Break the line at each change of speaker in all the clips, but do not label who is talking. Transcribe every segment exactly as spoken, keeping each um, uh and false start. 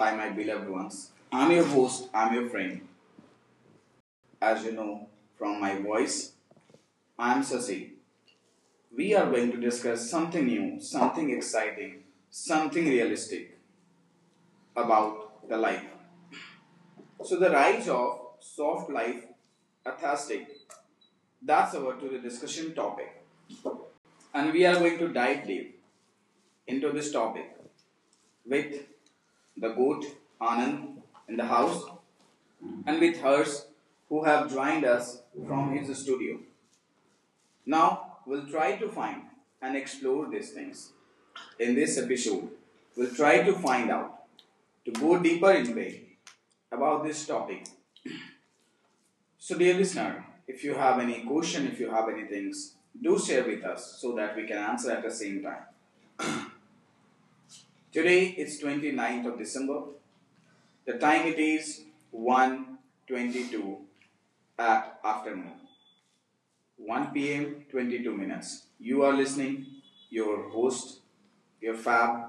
Hi, my beloved ones. I'm your host. I'm your friend. As you know from my voice, I'm Sasi. We are going to discuss something new, something exciting, something realistic about the life. So, the rise of soft life athastic. That's our to the discussion topic. And we are going to dive deep into this topic with the goat Anand in the house. And with hers who have joined us from his studio. Now, we'll try to find and explore these things. In this episode, we'll try to find out, to go deeper in way about this topic. So, dear listener, if you have any question, if you have any things, do share with us so that we can answer at the same time. Today is twenty ninth of December. The time it is one twenty two at afternoon. one p m twenty two minutes. You are listening, your host, your fab.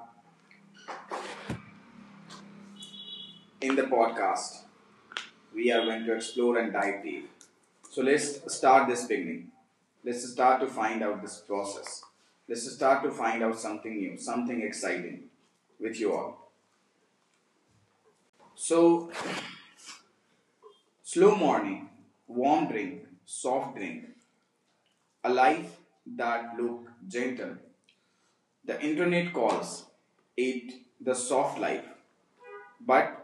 In the podcast, we are going to explore and dive deep. So let's start this beginning. Let's start to find out this process. Let's start to find out something new, something exciting with you all. So, slow morning, warm drink, soft drink, a life that look gentle. The internet calls it the soft life, but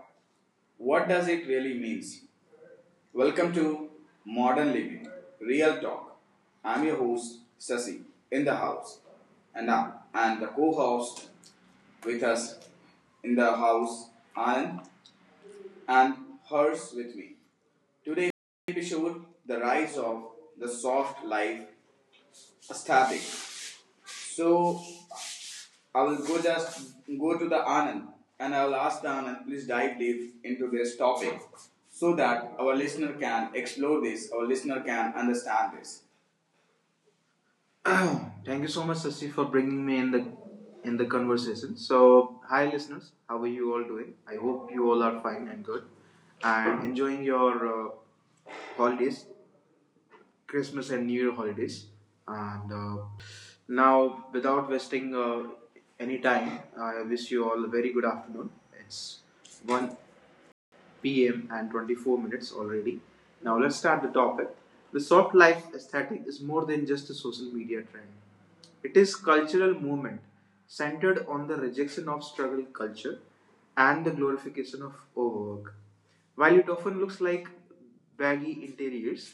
what does it really mean? Welcome to Modern Living Real Talk. I'm your host Sasi in the house, and now and the co-host with us in the house Anand and hers with me. Today episode: the rise of the soft life aesthetic. So I will go just go to the Anand and I will ask the Anand please dive deep into this topic so that our listener can explore this, our listener can understand this. Thank you so much, Sasi, for bringing me in the in the conversation. So, hi listeners, how are you all doing? I hope you all are fine and good, and enjoying your uh, holidays, Christmas and New Year holidays. And uh, now, without wasting uh, any time, I wish you all a very good afternoon. It's one pm and twenty four minutes already. Now let's start the topic. The soft life aesthetic is more than just a social media trend. It is a cultural movement centered on the rejection of struggle culture and the glorification of overwork. While it often looks like baggy interiors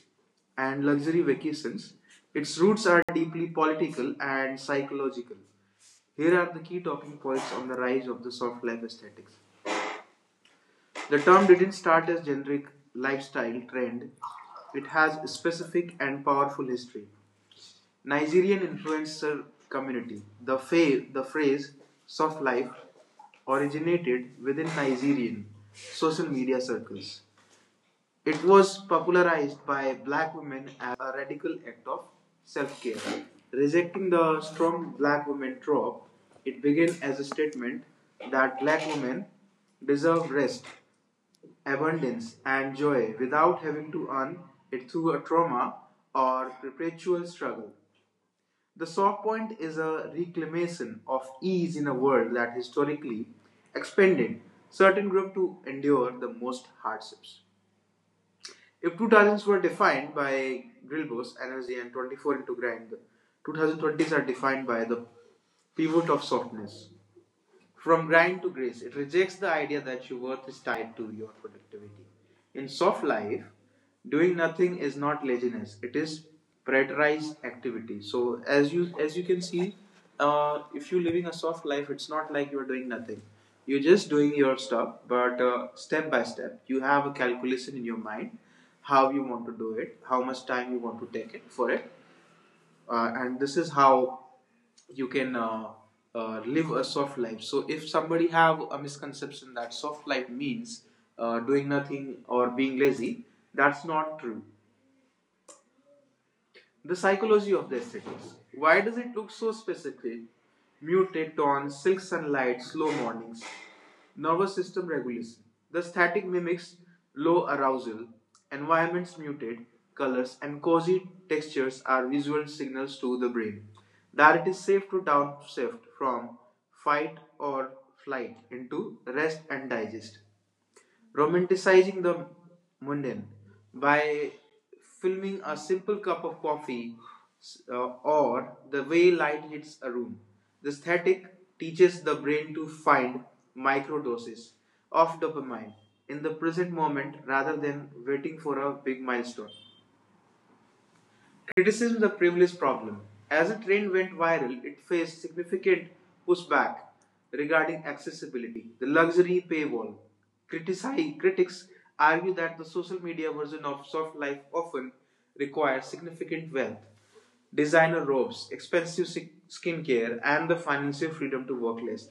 and luxury vacations, its roots are deeply political and psychological. Here are the key talking points on the rise of the soft life aesthetics. The term didn't start as generic lifestyle trend. It has a specific and powerful history. Nigerian influencer community. The, fa- the phrase soft life originated within Nigerian social media circles. It was popularized by black women a radical act of self care. Rejecting the strong black women trope, it began as a statement that black women deserve rest abundance, and joy without having to earn it through a trauma or perpetual struggle. The soft point is a reclamation of ease in a world that historically expended certain groups to endure the most hardships. If two thousands were defined by Grilbo's energy and twenty four into grind, twenty twenties are defined by the pivot of softness. From grind to grace, it rejects the idea that your worth is tied to your productivity. In soft life, doing nothing is not laziness; it is prioritized activity. So, as you as you can see, uh, if you're living a soft life, it's not like you're doing nothing. You're just doing your stuff, but uh, step by step, you have a calculation in your mind how you want to do it, how much time you want to take it for it, uh, and this is how you can uh, uh, live a soft life. So if somebody have a misconception that soft life means uh, doing nothing or being lazy, that's not true. The psychology of the aesthetics. Why does it look so specific? Muted tones, silk sunlight, slow mornings. Nervous system regulation. The aesthetic mimics low arousal, environments muted, colors and cozy textures are visual signals to the brain that it is safe to downshift from fight or flight into rest and digest romanticizing the mundane by filming a simple cup of coffee uh, or the way light hits a room. The aesthetic teaches the brain to find microdoses of dopamine in the present moment rather than waiting for a big milestone. Criticism is a privileged problem. As the trend went viral, it faced significant pushback regarding accessibility, the luxury paywall. Critici- critics argue that the social media version of soft life often requires significant wealth, designer robes, expensive si- skincare, and the financial freedom to work less.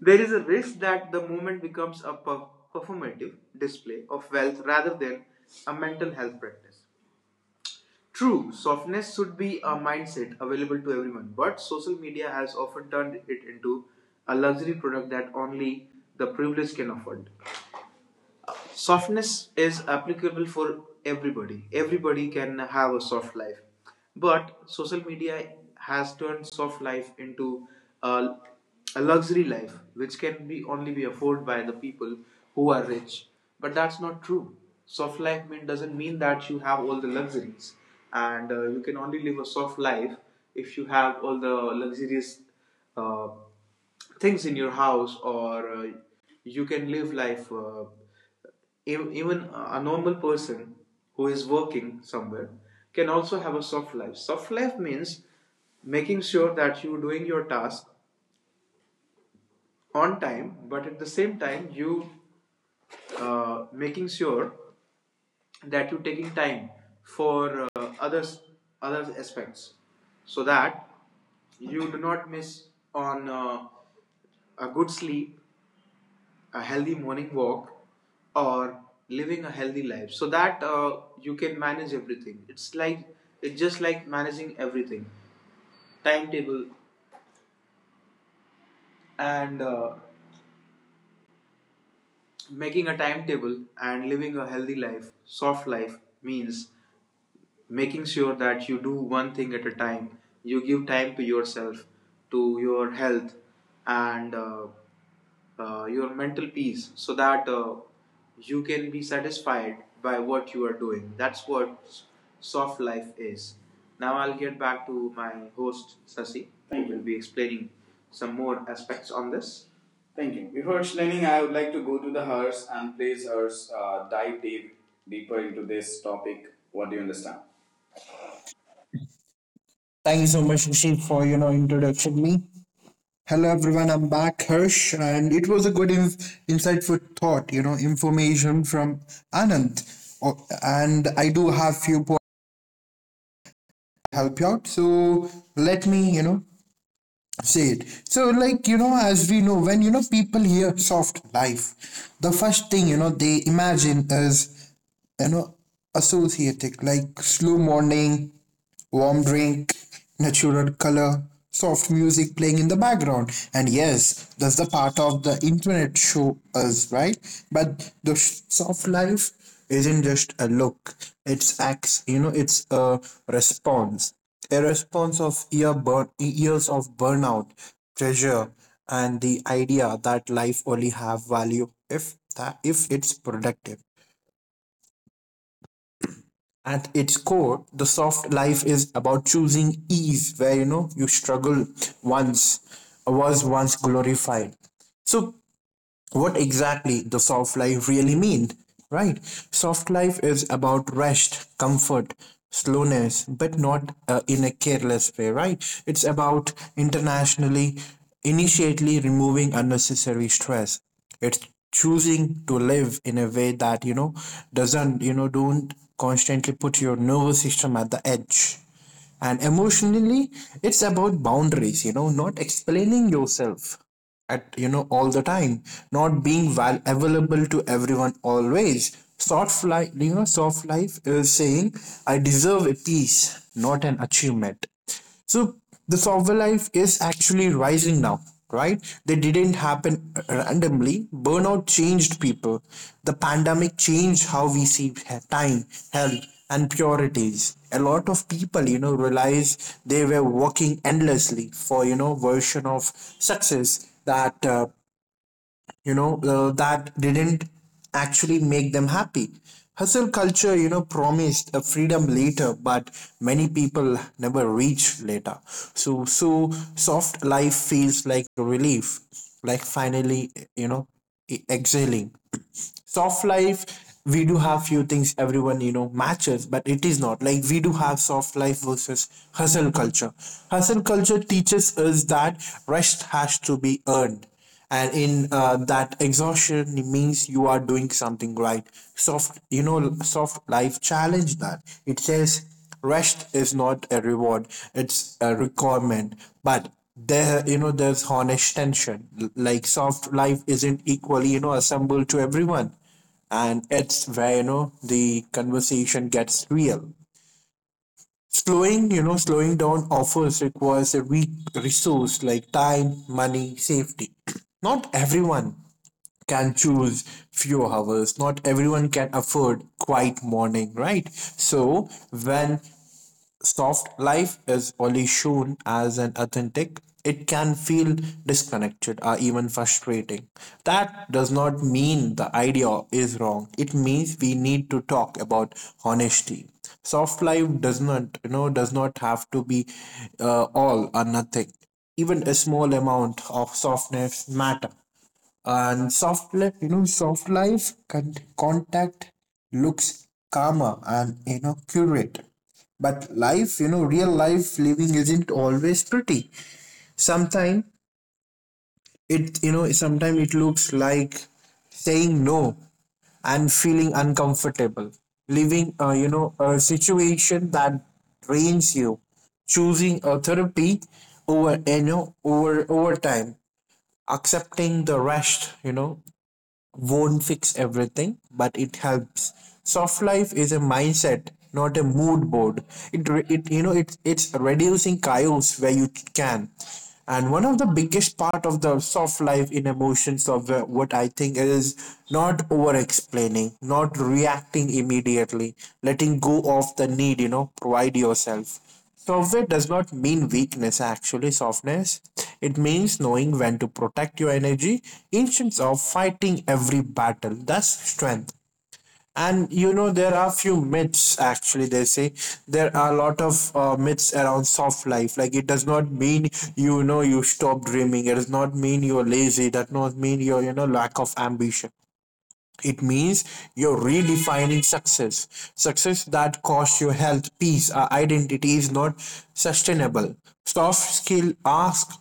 There is a risk that the movement becomes a performative display of wealth rather than a mental health practice. True, softness should be a mindset available to everyone, but social media has often turned it into a luxury product that only the privileged can afford. Softness is applicable for everybody, everybody can have a soft life, but social media has turned soft life into a, a luxury life which can be only be afforded by the people who are rich, but that's not true. Soft life mean doesn't mean that you have all the luxuries and uh, you can only live a soft life if you have all the luxurious uh, things in your house, or uh, you can live life uh, even a normal person who is working somewhere can also have a soft life. Soft life means making sure that you're doing your task on time, but at the same time, you uh, making sure that you're taking time for uh, others other aspects so that you do not miss on uh, a good sleep, a healthy morning walk, or living a healthy life so that uh, you can manage everything. It's like it's just like managing everything timetable and uh, making a timetable and living a healthy life. Soft life means making sure that you do one thing at a time, you give time to yourself, to your health, and uh, uh, your mental peace so that uh, you can be satisfied by what you are doing. That's what s- soft life is. Now I'll get back to my host Sasi. Thank Who you. Will be explaining some more aspects on this. Thank you. Before explaining, I would like to go to the hers and please hers uh, dive deep deeper into this topic. What do you understand?
Thank you so much, Rashid, for you know introducing me. Hello everyone, I'm back, Hirsch, and it was a good inf- insight for thought, you know, information from Anand. Oh, and I do have few points to help you out. So let me, you know, say it. So like you know, as we know, when you know people hear soft life, the first thing you know they imagine is you know associated like slow morning, warm drink, natural color, soft music playing in the background. And yes, that's the part of the internet show us, right? But the sh- soft life isn't just a look. It's acts, you know, it's a response. A response of ear burn, years of burnout, pressure, and the idea that life only have value if that if it's productive. At its core, the soft life is about choosing ease where you know you struggle once was once glorified. So what exactly the soft life really mean, right? Soft life is about rest, comfort, slowness, but not uh, in a careless way, right? It's about internationally initially removing unnecessary stress. It's choosing to live in a way that you know doesn't you know don't constantly put your nervous system at the edge. And emotionally, it's about boundaries, you know not explaining yourself at you know all the time, not being val- available to everyone always. soft life you know soft life is saying I deserve a peace, not an achievement. So the software life is actually rising now, right? They didn't happen randomly. Burnout changed people. The pandemic changed how we see time, health, and priorities. A lot of people, you know, realize they were working endlessly for, you know, version of success that uh, you know uh, that didn't actually make them happy. Hustle culture, you know promised a freedom later, but many people never reach later. So so soft life feels like relief, like finally, you know e- exhaling. Soft life, we do have few things everyone you know matches, but it is not. Like we do have soft life versus hustle culture. Hustle culture teaches us that rest has to be earned, and in uh, that exhaustion means you are doing something right. soft you know soft life challenge that. It says rest is not a reward, it's a requirement. But there, you know there's honest tension. L- like soft life isn't equally you know assembled to everyone, and it's where you know the conversation gets real. Slowing you know slowing down offers requires a weak resource like time, money, safety. Not everyone can choose few hours, not everyone can afford quiet morning, right? So when soft life is only shown as an authentic, it can feel disconnected or even frustrating. That does not mean the idea is wrong. It means we need to talk about honesty. Soft life does not, you know, does not have to be uh, all or nothing. Even a small amount of softness matter. And soft life, you know, soft life con- contact looks calmer and you know curate. But life, you know, real life living isn't always pretty. Sometimes it, you know, sometimes it looks like saying no and feeling uncomfortable, living, uh, you know, a situation that drains you, choosing a therapy over, you know, over over time, accepting the rest, you know, won't fix everything, but it helps. Soft life is a mindset, not a mood board. It, re- it you know it it's reducing chaos where you can. And one of the biggest part of the soft life in emotions of uh, what I think is not over explaining, not reacting immediately, letting go of the need, you know, provide yourself. Software does not mean weakness, actually, softness. It means knowing when to protect your energy instead of fighting every battle. That's strength. And you know, there are few myths actually. They say there are a lot of uh, myths around soft life. Like, it does not mean you know you stop dreaming, it does not mean you're lazy, that does not mean you're you know lack of ambition. It means you're redefining success. Success that costs your health, peace, or identity is not sustainable. Soft skill ask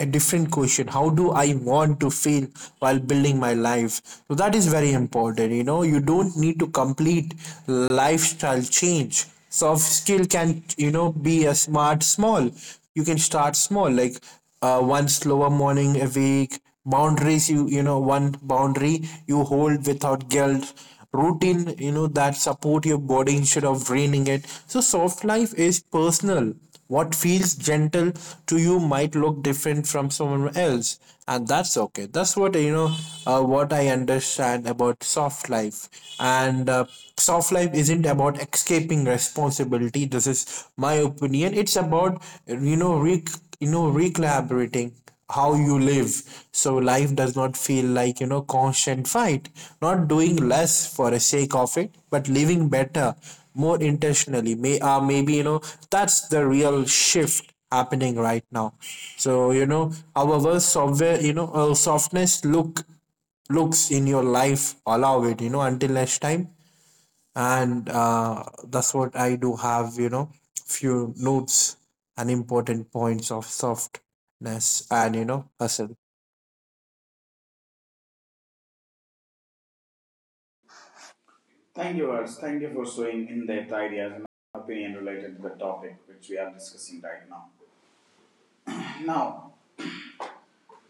a different question: how do I want to feel while building my life? So that is very important. you know you don't need to complete lifestyle change. Soft skill can you know be a smart small you can start small, like uh, one slower morning a week, boundaries, you you know one boundary you hold without guilt, routine you know that support your body instead of draining it. So soft life is personal. What feels gentle to you might look different from someone else, and that's okay. That's what you know uh, what I understand about soft life. And uh, soft life isn't about escaping responsibility. This is my opinion. It's about you know re- you know recollaborating how you live so life does not feel like you know constant fight, not doing less for the sake of it, but living better, more intentionally. May uh, maybe you know that's the real shift happening right now. So you know however software you know uh, softness look looks in your life, allow it. you know until next time. And uh, that's what I do have. You know, few notes and important points of softness and you know hustle.
Thank you, Ars. Thank you for showing in depth ideas and opinion related to the topic which we are discussing right now. Now,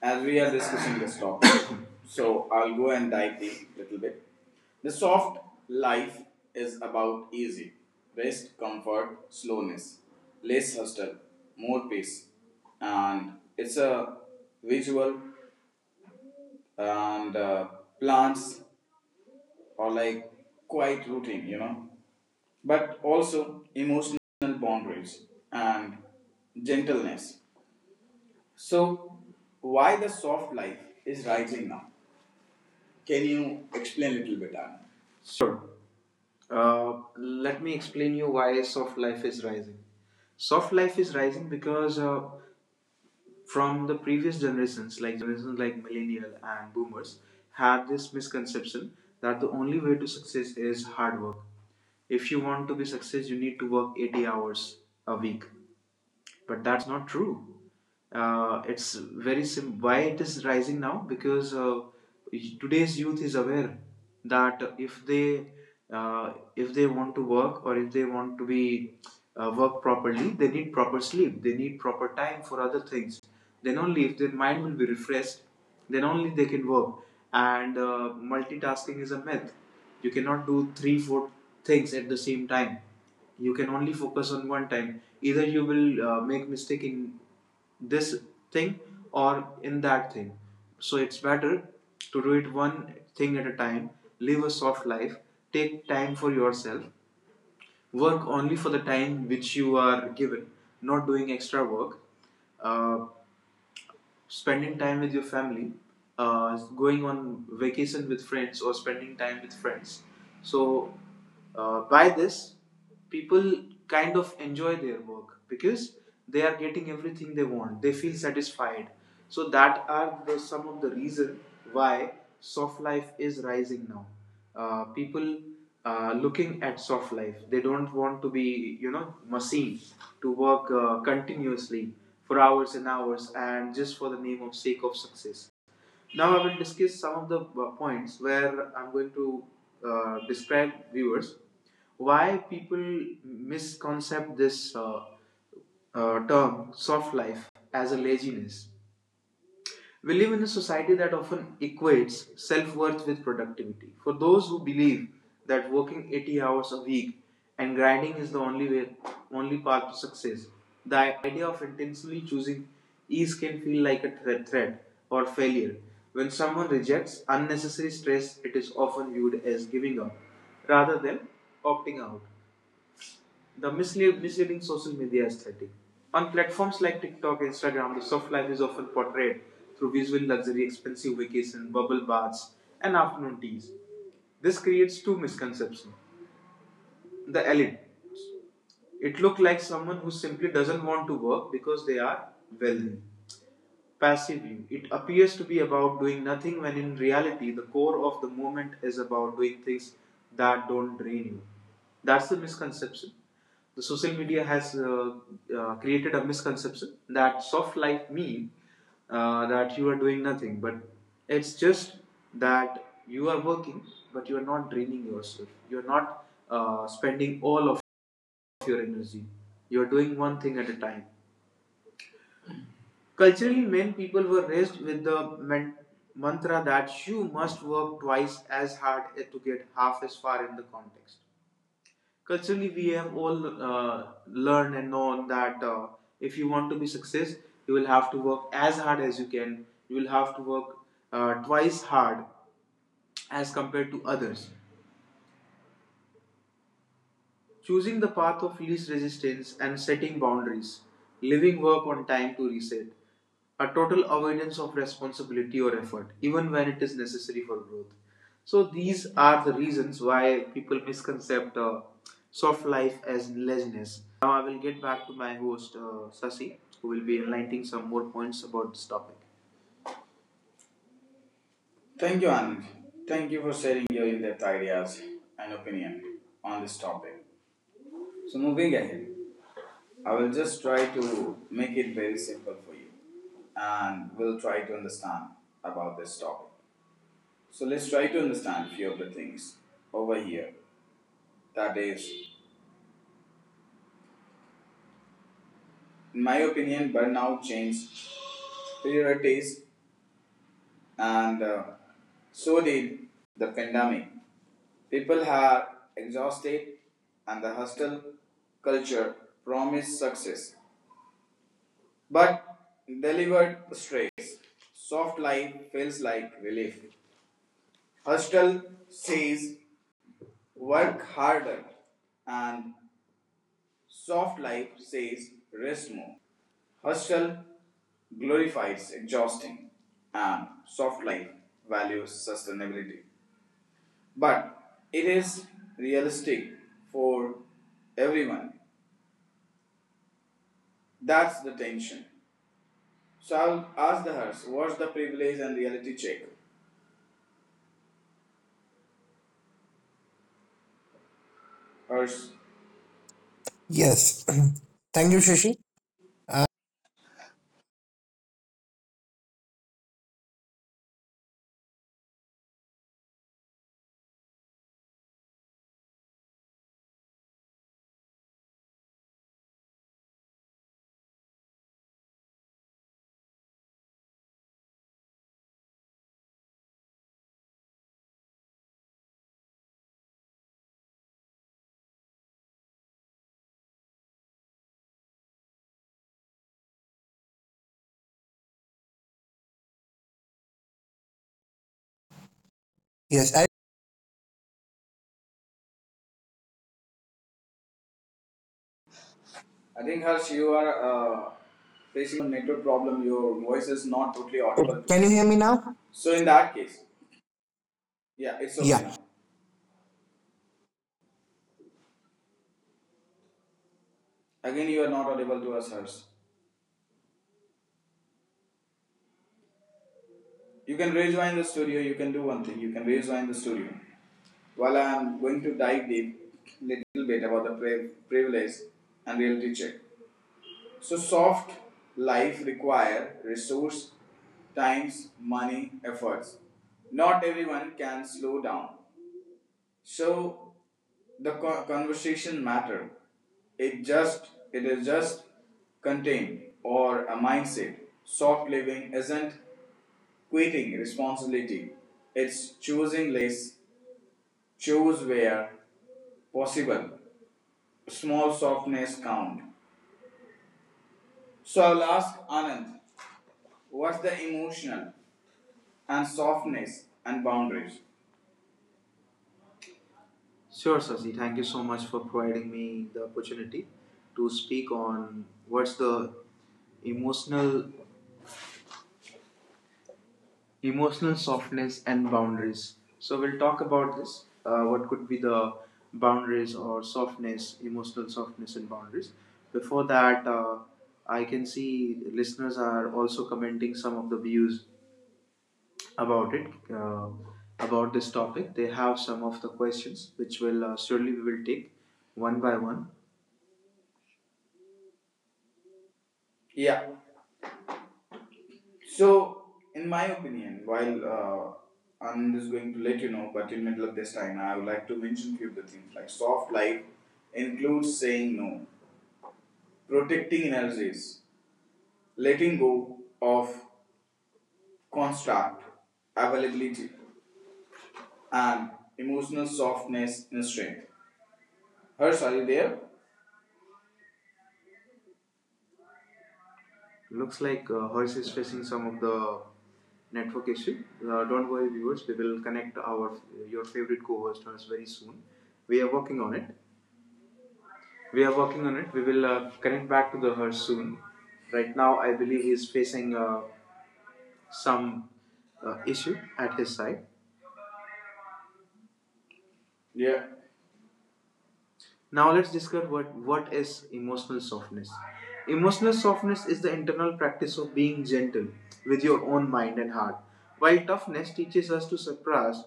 as we are discussing this topic, so I'll go and dive deep a little bit. The soft life is about easy rest, comfort, slowness, less hustle, more peace, and it's a visual and uh, plants or like quiet routine, you know. But also emotional boundaries and gentleness. So, why the soft life is rising now? Can you explain a little bit, Anand? Sure. Uh, let me explain you why soft life is rising. Soft life is rising because uh, from the previous generations, like generations like millennial and boomers, had this misconception that the only way to success is hard work. If you want to be success, you need to work eighty hours a week, but that's not true. Uh, it's very sim- why it is rising now, because uh, today's youth is aware that if they uh, if they want to work or if they want to be uh, work properly, they need proper sleep, they need proper time for other things, then only if their mind will be refreshed then only they can work. And uh, multitasking is a myth, you cannot do three four things at the same time, you can only focus on one time, either you will uh, make mistake in this thing or in that thing. So it's better to do it one thing at a time, live a soft life, take time for yourself, work only for the time which you are given, not doing extra work, uh, spending time with your family, uh, going on vacation with friends, or spending time with friends. So, uh, by this, people kind of enjoy their work because they are getting everything they want. They feel satisfied. So that are the, some of the reason why soft life is rising now. Uh, people uh, looking at soft life. They don't want to be you know machine to work uh, continuously for hours and hours and just for the name of sake of success. Now I will discuss some of the uh, points where I'm going to uh, describe viewers why people misconcept this uh, uh, term soft life as a laziness. We live in a society that often equates self worth with productivity. For those who believe that working eighty hours a week and grinding is the only way, only path to success, the idea of intentionally choosing ease can feel like a threat or failure. When someone rejects unnecessary stress, it is often viewed as giving up rather than opting out the misleading social media aesthetic. On platforms like TikTok and Instagram, the soft life is often portrayed through visual luxury, expensive vacations, bubble baths, and afternoon teas. This creates two misconceptions. The elite. It looks like someone who simply doesn't want to work because they are wealthy. Passive passively. It appears to be about doing nothing when in reality the core of the movement is about doing things that don't drain you. That's the misconception. The social media has uh, uh, created a misconception that soft life means uh, that you are doing nothing, but it's just that you are working, but you are not draining yourself. You are not uh, spending all of your energy. You are doing one thing at a time. Culturally, men people were raised with the men- mantra that you must work twice as hard to get half as far in the context. Culturally, we have all uh, learned and known that uh, if you want to be success, you will have to work as hard as you can. You will have to work uh, twice hard as compared to others. Choosing the path of least resistance and setting boundaries, leaving work on time to reset, a total avoidance of responsibility or effort, even when it is necessary for growth. So, these are the reasons why people misconcept uh, soft life as laziness. I will get back to my host, uh, Sasi, who will be enlightening some more points about this topic. Thank you, Anand. Thank you for sharing your in depth ideas and opinion on this topic. So moving ahead, I will just try to make it very simple for you and we'll try to understand about this topic. So let's try to understand few of the things over here. That is, in my opinion, burnout changed priorities and uh, so did the pandemic. People are exhausted and the hustle culture promised success but delivered stress. Soft life feels like relief. Hostel says work harder and soft life says rest more. Hostel glorifies exhausting and soft life values sustainability. But it is realistic for everyone. That's the tension. So I'll ask the Hers, what's the privilege and reality check? Hers,
Yes. Thank you, Shashi. Uh, yes. I,
I think Harsh, you are uh, facing network problem. Your voice is not totally audible to
can you
us.
hear me now?
So in that case, yeah, it's okay
Yeah.
now. Again, you are not audible to us, Harsh. You can rejoin the studio. You can do one thing. You can rejoin the studio. While I am going to dive deep, little bit about the pri- privilege and reality check. So soft life require resource, times, money, efforts. Not everyone can slow down. So the co- conversation matter. It just it is just contained or a mindset. Soft living isn't quitting responsibility. It's choosing less, choose where possible. Small softness count. So I'll ask Anand, what's the emotional and softness and boundaries? Sure, Sasi. Thank you so much for providing me the opportunity to speak on what's the emotional emotional softness and boundaries. So we'll talk about this. Uh, what could be the boundaries or softness, emotional softness and boundaries. Before that, uh, I can see listeners are also commenting some of the views about it, uh, about this topic. They have some of the questions which will uh, surely we will take one by one. Yeah. So, in my opinion, while uh, I'm just going to let you know, but in middle of this time, I would like to mention few of the things like soft life includes saying no, protecting energies, letting go of construct, availability, and emotional softness and strength. Hers, are you there? Looks like uh, Hers is facing some of the network issue. Uh, don't worry, viewers. We will connect our your favorite co-host Hers very soon. We are working on it. We are working on it. We will uh, connect back to the her soon. Right now, I believe he is facing uh, some uh, issue at his side. Yeah. Now let's discuss what, what is emotional softness. Emotional softness is the internal practice of being gentle with your own mind and heart, while toughness teaches us to suppress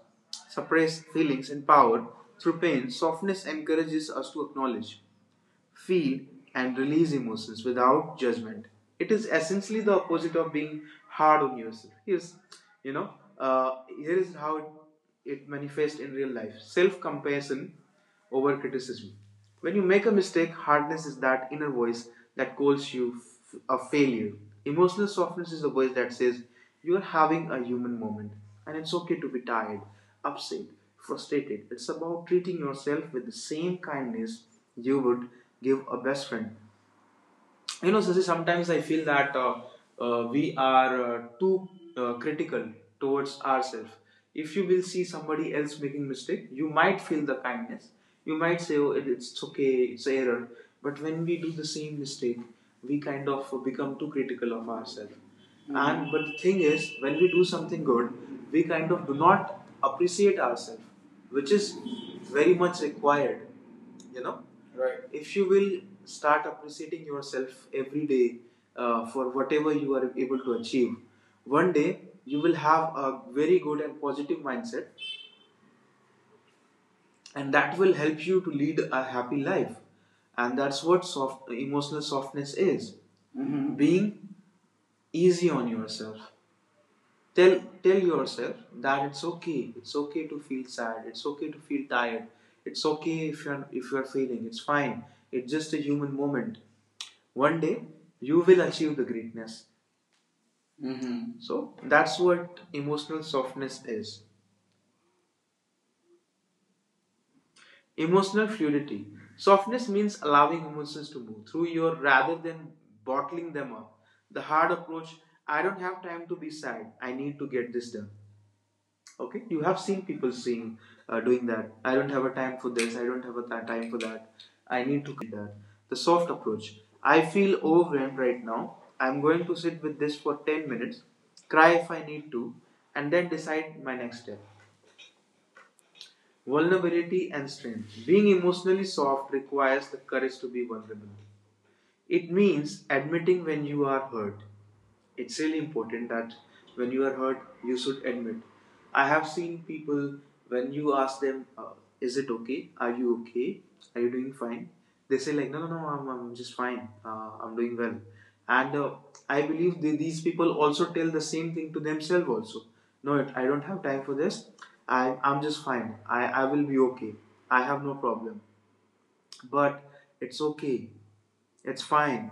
suppress feelings and power through pain. Softness encourages us to acknowledge feel, and release emotions without judgment. It is essentially the opposite of being hard on yourself. Here's, you know, uh, here is how it, it manifests in real life self compassion over criticism. When you make a mistake, hardness is that inner voice that calls you f- a failure. Emotional softness is the voice that says, You are having a human moment, and it's okay to be tired upset, frustrated. It's about treating yourself with the same kindness you would give a best friend. You know, Sasi, sometimes I feel that uh, uh, we are uh, too uh, critical towards ourselves. If you will see somebody else making mistake you might feel the kindness you might say oh it, it's okay it's error but when we do the same mistake we kind of become too critical of ourselves. Mm-hmm. And but the thing is when we do something good we kind of do not appreciate ourselves which is very much required you know right if you will start appreciating yourself every day uh, for whatever you are able to achieve one day you will have a very good and positive mindset and that will help you to lead a happy life and that's what soft emotional softness is. Mhm. Being easy on yourself. Tell tell yourself that it's okay it's okay to feel sad it's okay to feel tired it's okay if you're if you're feeling it's fine it's just a human moment. One day, you will achieve the greatness. Mhm. So that's what emotional softness is. Emotional fluidity. Softness means allowing emotions to move through you rather than bottling them up. The hard approach I don't have time to be sad, I need to get this done okay you have seen people seeing uh, doing that I don't have a time for this I don't have a th- time for that I need to that the soft approach I feel overwhelmed right now I'm going to sit with this for ten minutes cry if I need to and then decide my next step vulnerability and strength being emotionally soft requires the courage to be vulnerable it means admitting when you are hurt it's really important that when you are hurt, you should admit. I have seen people when you ask them, uh, "Is it okay? Are you okay? Are you doing fine?" They say like, "No, no, no, I'm, I'm just fine. Uh, I'm doing well." And uh, I believe they, these people also tell the same thing to themselves also. No, it- I don't have time for this. I, I'm just fine. I, I will be okay. I have no problem. But it's okay. It's fine.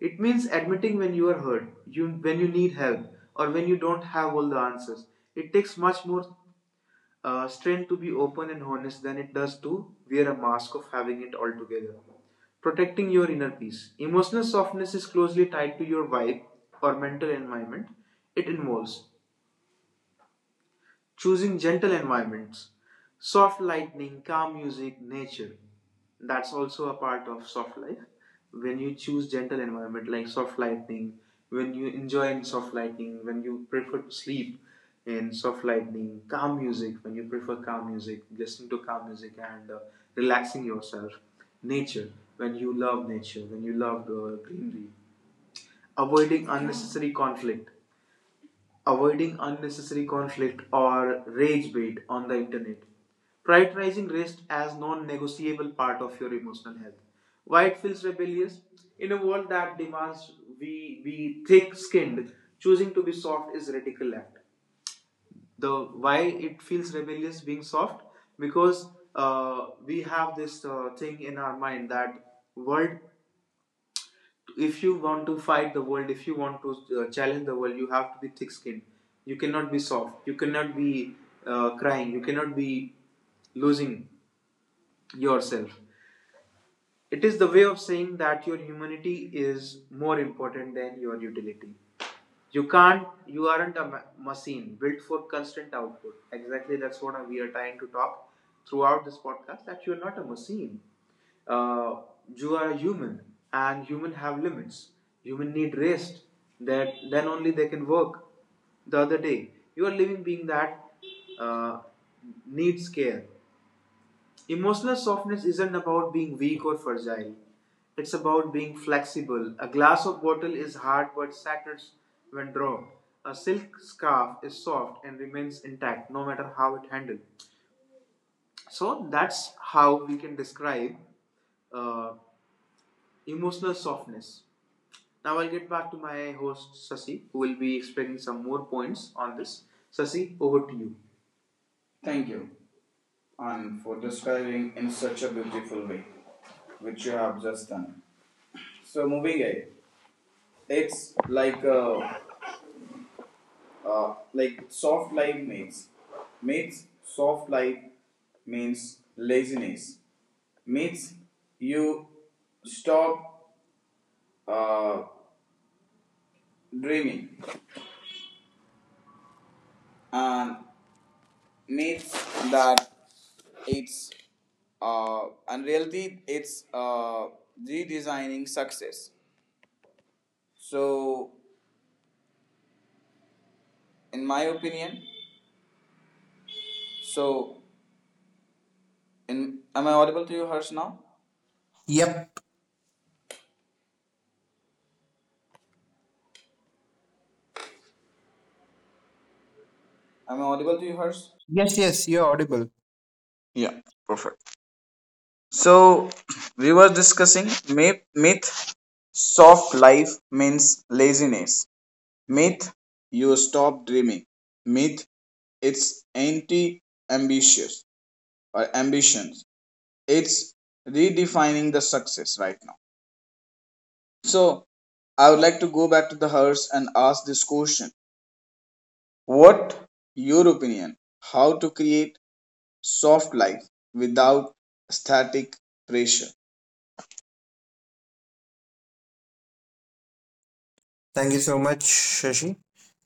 It means admitting when you are hurt, you when you need help, or when you don't have all the answers. It takes much more uh, strength to be open and honest than it does to wear a mask of having it all together. Protecting your inner peace. Emotional softness is closely tied to your vibe or mental environment. It involves choosing gentle environments, soft lightning, calm music, nature. That's also a part of soft life. When you choose gentle environment like soft lightning, when you enjoy in soft lightning, when you prefer to sleep in soft lightning, calm music, when you prefer calm music, listening to calm music and uh, relaxing yourself, nature, when you love nature, when you love uh, greenery, avoiding unnecessary conflict avoiding unnecessary conflict or rage bait on the internet. Prioritizing rest as non negotiable part of your emotional health. Why it feels rebellious? In a world that demands we be thick skinned, choosing to be soft is a radical act. The why it feels rebellious being soft? Because uh, we have this uh, thing in our mind that world if you want to fight the world, if you want to uh, challenge the world, you have to be thick skinned. You cannot be soft. You cannot be uh, crying. You cannot be losing yourself. It is the way of saying that your humanity is more important than your utility. You can't, you aren't a machine built for constant output. Exactly, that's what we are trying to talk throughout this podcast that you're not a machine uh, you are a human and human have limits human need rest that then only they can work the other day you are living being that uh, needs care emotional softness isn't about being weak or fragile it's about being flexible a glass of bottle is hard but shatters when dropped a silk scarf is soft and remains intact no matter how it handled so that's how we can describe uh, emotional softness. Now I'll get back to my host Sasi, who will be explaining some more points on this. Sasi, over to you. Thank you, and for describing in such a beautiful way, which you have just done. So moving ahead, it's like a, uh, like soft life makes means soft life means laziness means you stop uh, dreaming and means that it's uh, and really it's uh, redesigning success so in my opinion so in am I audible to you harsh now
Yep.
am I audible to you harsh.
Yes, yes, you're audible.
Yeah, perfect. So, we were discussing myth. Myth: soft life means laziness. Myth: you stop dreaming. Myth: it's anti-ambitious or ambitions. It's redefining the success right now. So, I would like to go back to the Harsh and ask this question: What your opinion? How to create soft light without static pressure.
Thank you so much, Shashi.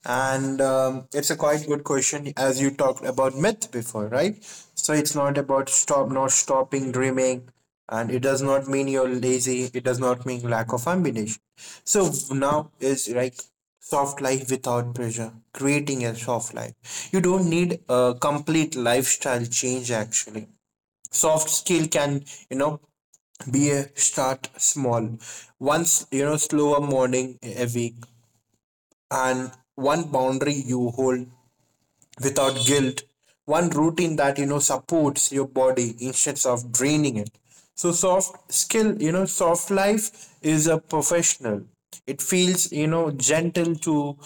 And um, it's a quite good question as you talked about myth before, right? So it's not about stop, not stopping dreaming. And it does not mean you're lazy. It does not mean lack of ambition. So now is like soft life without pressure, creating a soft life. You don't need a complete lifestyle change actually. Soft skill can, you know, be a start small, once you know slower morning a week, and one boundary you hold without guilt, one routine that you know supports your body instead of draining it. So soft skill you know soft life is a professional. It feels, you know gentle to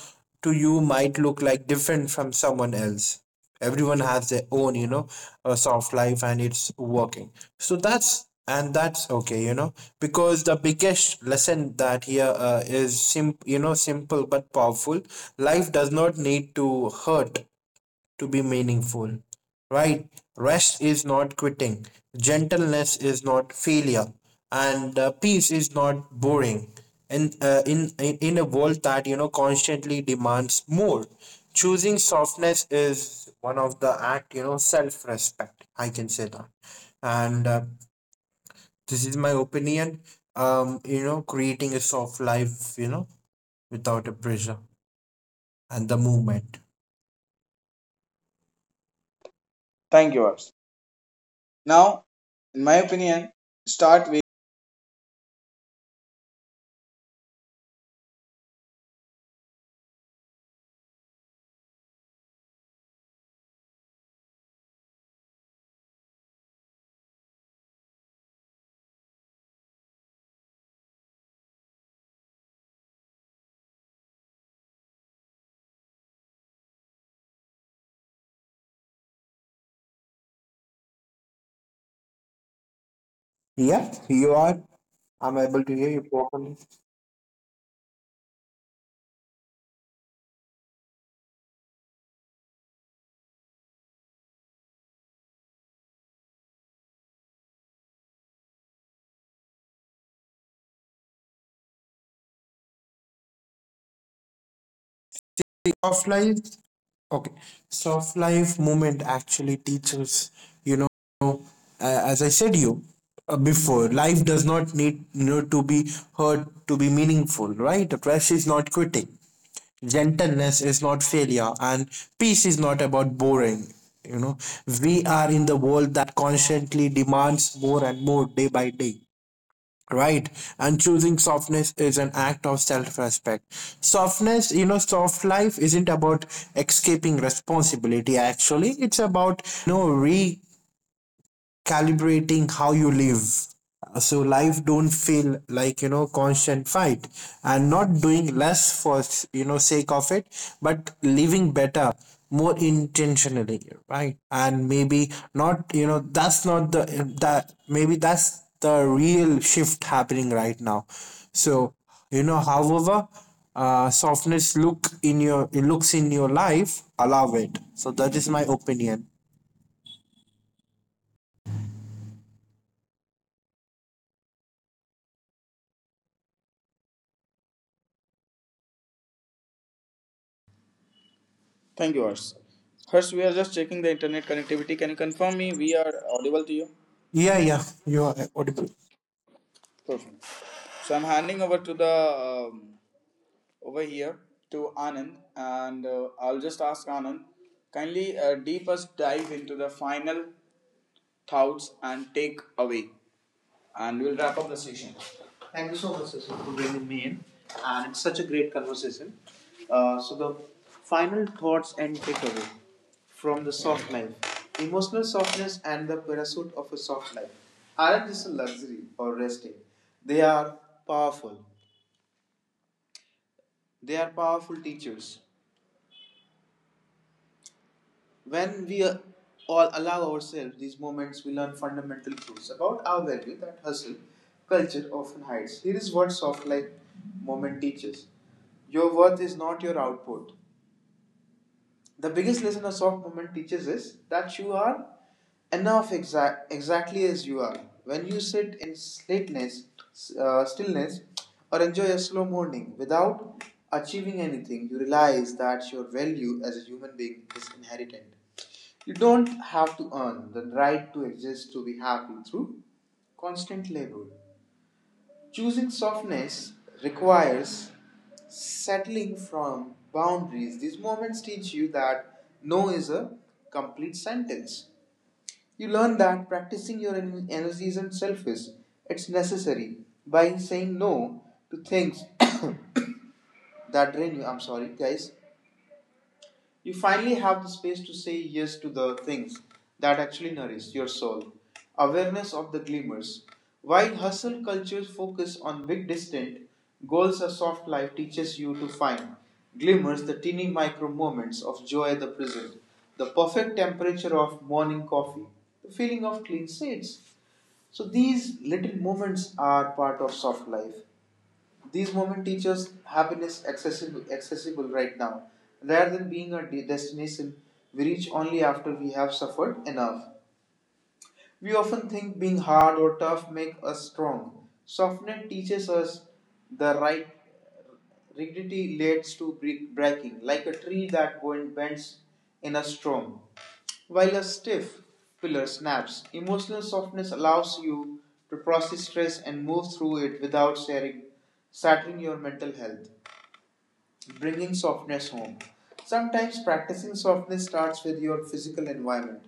to you, might look like different from someone else. Everyone has their own, you know uh, soft life, and it's working. So that's and that's okay, you know because the biggest lesson that here uh, is sim you know simple but powerful. Life does not need to hurt to be meaningful, right? Rest is not quitting, gentleness is not failure, and uh, peace is not boring. And uh, in, in in a world that you know constantly demands more, choosing softness is one of the act, you know self respect. I can say that, and uh, this is my opinion. Um, you know, creating a soft life, you know, without a pressure and the movement.
Thank you, Ars. Now, in my opinion, start with.
Yeah, you are. I'm able to hear you properly. Soft life, okay. Soft life movement actually teaches, you know uh, as I said, you uh, before, life does not need, you know to be heard to be meaningful, right? Rest is not quitting, gentleness is not failure, and peace is not about boring. you know we are in the world that constantly demands more and more day by day. Right. And choosing softness is an act of self respect. Softness, you know, soft life isn't about escaping responsibility, actually. It's about, know, re calibrating how you live so life don't feel like you know constant fight, and not doing less for you know sake of it, but living better, more intentionally, right? And maybe not you know that's not the that maybe that's the real shift happening right now. So you know however uh, softness look in your it looks in your life, allow it. So that is my opinion.
Thank you, Harsh. Harsh, we are just checking the internet connectivity. Can you confirm me we are audible to you?
Yeah. Yeah, you are audible.
Perfect. So I'm handing over to the um, over here to Anand, and uh, I'll just ask Anand kindly uh, deep us dive into the final thoughts and take away. And we'll wrap up the session. Thank you so much, Cecil, for bringing me in. And it's such a great conversation. Uh, so, the final thoughts and takeaway from the soft life: emotional softness and the pursuit of a soft life aren't just a luxury or resting, they are powerful. They are powerful teachers. When we uh, all allow ourselves these moments, we learn fundamental truths about our value that hustle culture often hides. Here is what soft life moment teaches: your worth is not your output. The biggest lesson a soft moment teaches is that you are enough exa- exactly as you are. When you sit in slateness, uh, stillness, or enjoy a slow morning without achieving anything, you realize that your value as a human being is inherent. You don't have to earn the right to exist to be happy through constant labor. Choosing softness requires settling from boundaries. These moments teach you that no is a complete sentence. You learn that practicing your en- energy isn't selfish, it's necessary. By saying no to things that drain you — I'm sorry, guys — you finally have the space to say yes to the things that actually nourish your soul. Awareness of the glimmers. While hustle cultures focus on big distant goals, a soft life teaches you to find glimmers, the teeny micro moments of joy at the present, the perfect temperature of morning coffee, the feeling of clean sheets. So these little moments are part of soft life. These moments teach us happiness accessible, accessible right now, rather than being a de- destination we reach only after we have suffered enough. We often think being hard or tough make us strong. Softness teaches us the right rigidity leads to bre- breaking, like a tree that bend- bends in a storm. While a stiff pillar snaps, emotional softness allows you to process stress and move through it without sharing, shattering your mental health. Bringing softness home. Sometimes practicing softness starts with your physical environment,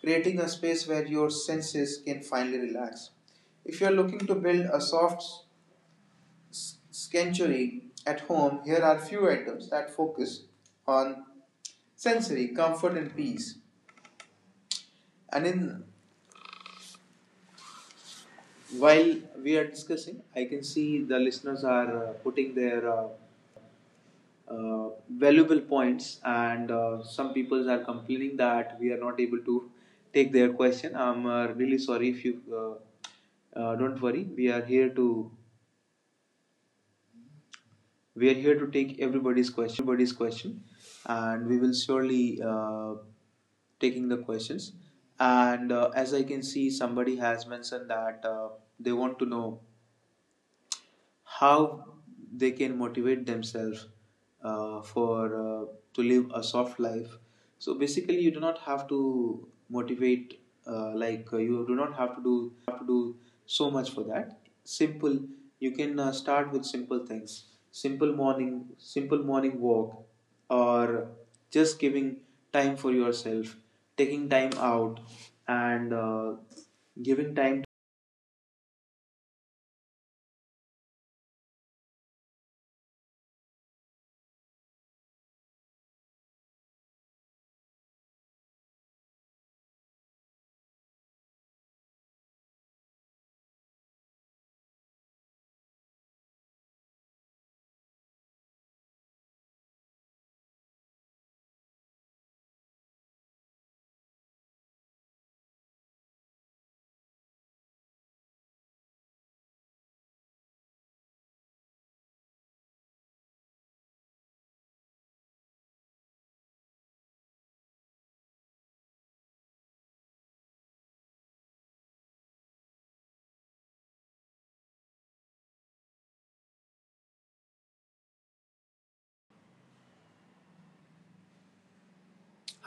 creating a space where your senses can finally relax. If you're looking to build a soft sanctuary at home, here are few items that focus on sensory comfort and peace. And in while we are discussing, I can see the listeners are uh, putting their uh, uh, valuable points, and uh, some people are complaining that we are not able to take their question. I'm uh, really sorry if you uh, uh, don't worry. We are here to we are here to take everybody's question, and we will surely uh, taking the questions. And uh, as I can see, somebody has mentioned that uh, they want to know how they can motivate themselves uh, for uh, to live a soft life. So basically you do not have to motivate uh, like uh, you do not have to do so much for that. Simple, you can uh, start with simple things, simple morning, simple morning walk, or just giving time for yourself, taking time out and uh, giving time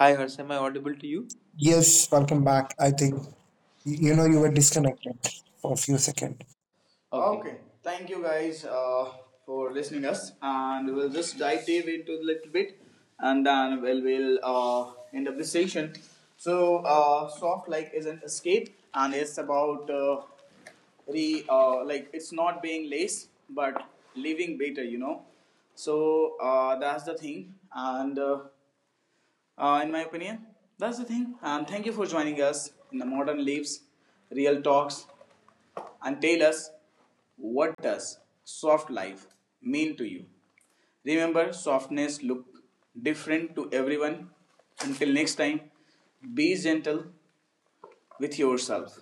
Hi, Harsh. Am I audible to you?
Yes, welcome back. I think y- you know you were disconnected for a few seconds.
Okay. Okay. Thank you guys uh, for listening us, and we'll just dive deep into a little bit, and then we'll we'll uh, end up this session. So, uh, soft like is not escape, and it's about uh, re uh, like it's not being lazy, but living better. You know. So uh, that's the thing, and. Uh, uh, in my opinion. That's the thing. And thank you for joining us in the Modern Leaves Real Talks and tell us what does soft life mean to you. Remember, softness look different to everyone. Until next time, be gentle with yourself.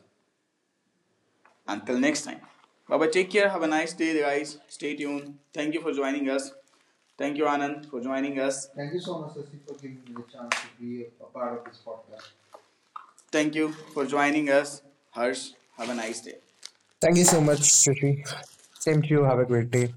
Until next time. Bye bye. Take care. Have a nice day, guys. Stay tuned. Thank you for joining us. Thank you, Anand, for joining us. Thank you so much, Sasi, for giving me the chance to be a, a part of this podcast. Thank you for joining us. Harsh, have a nice day.
Thank you so much, Rishi. Same to you. Have a great day.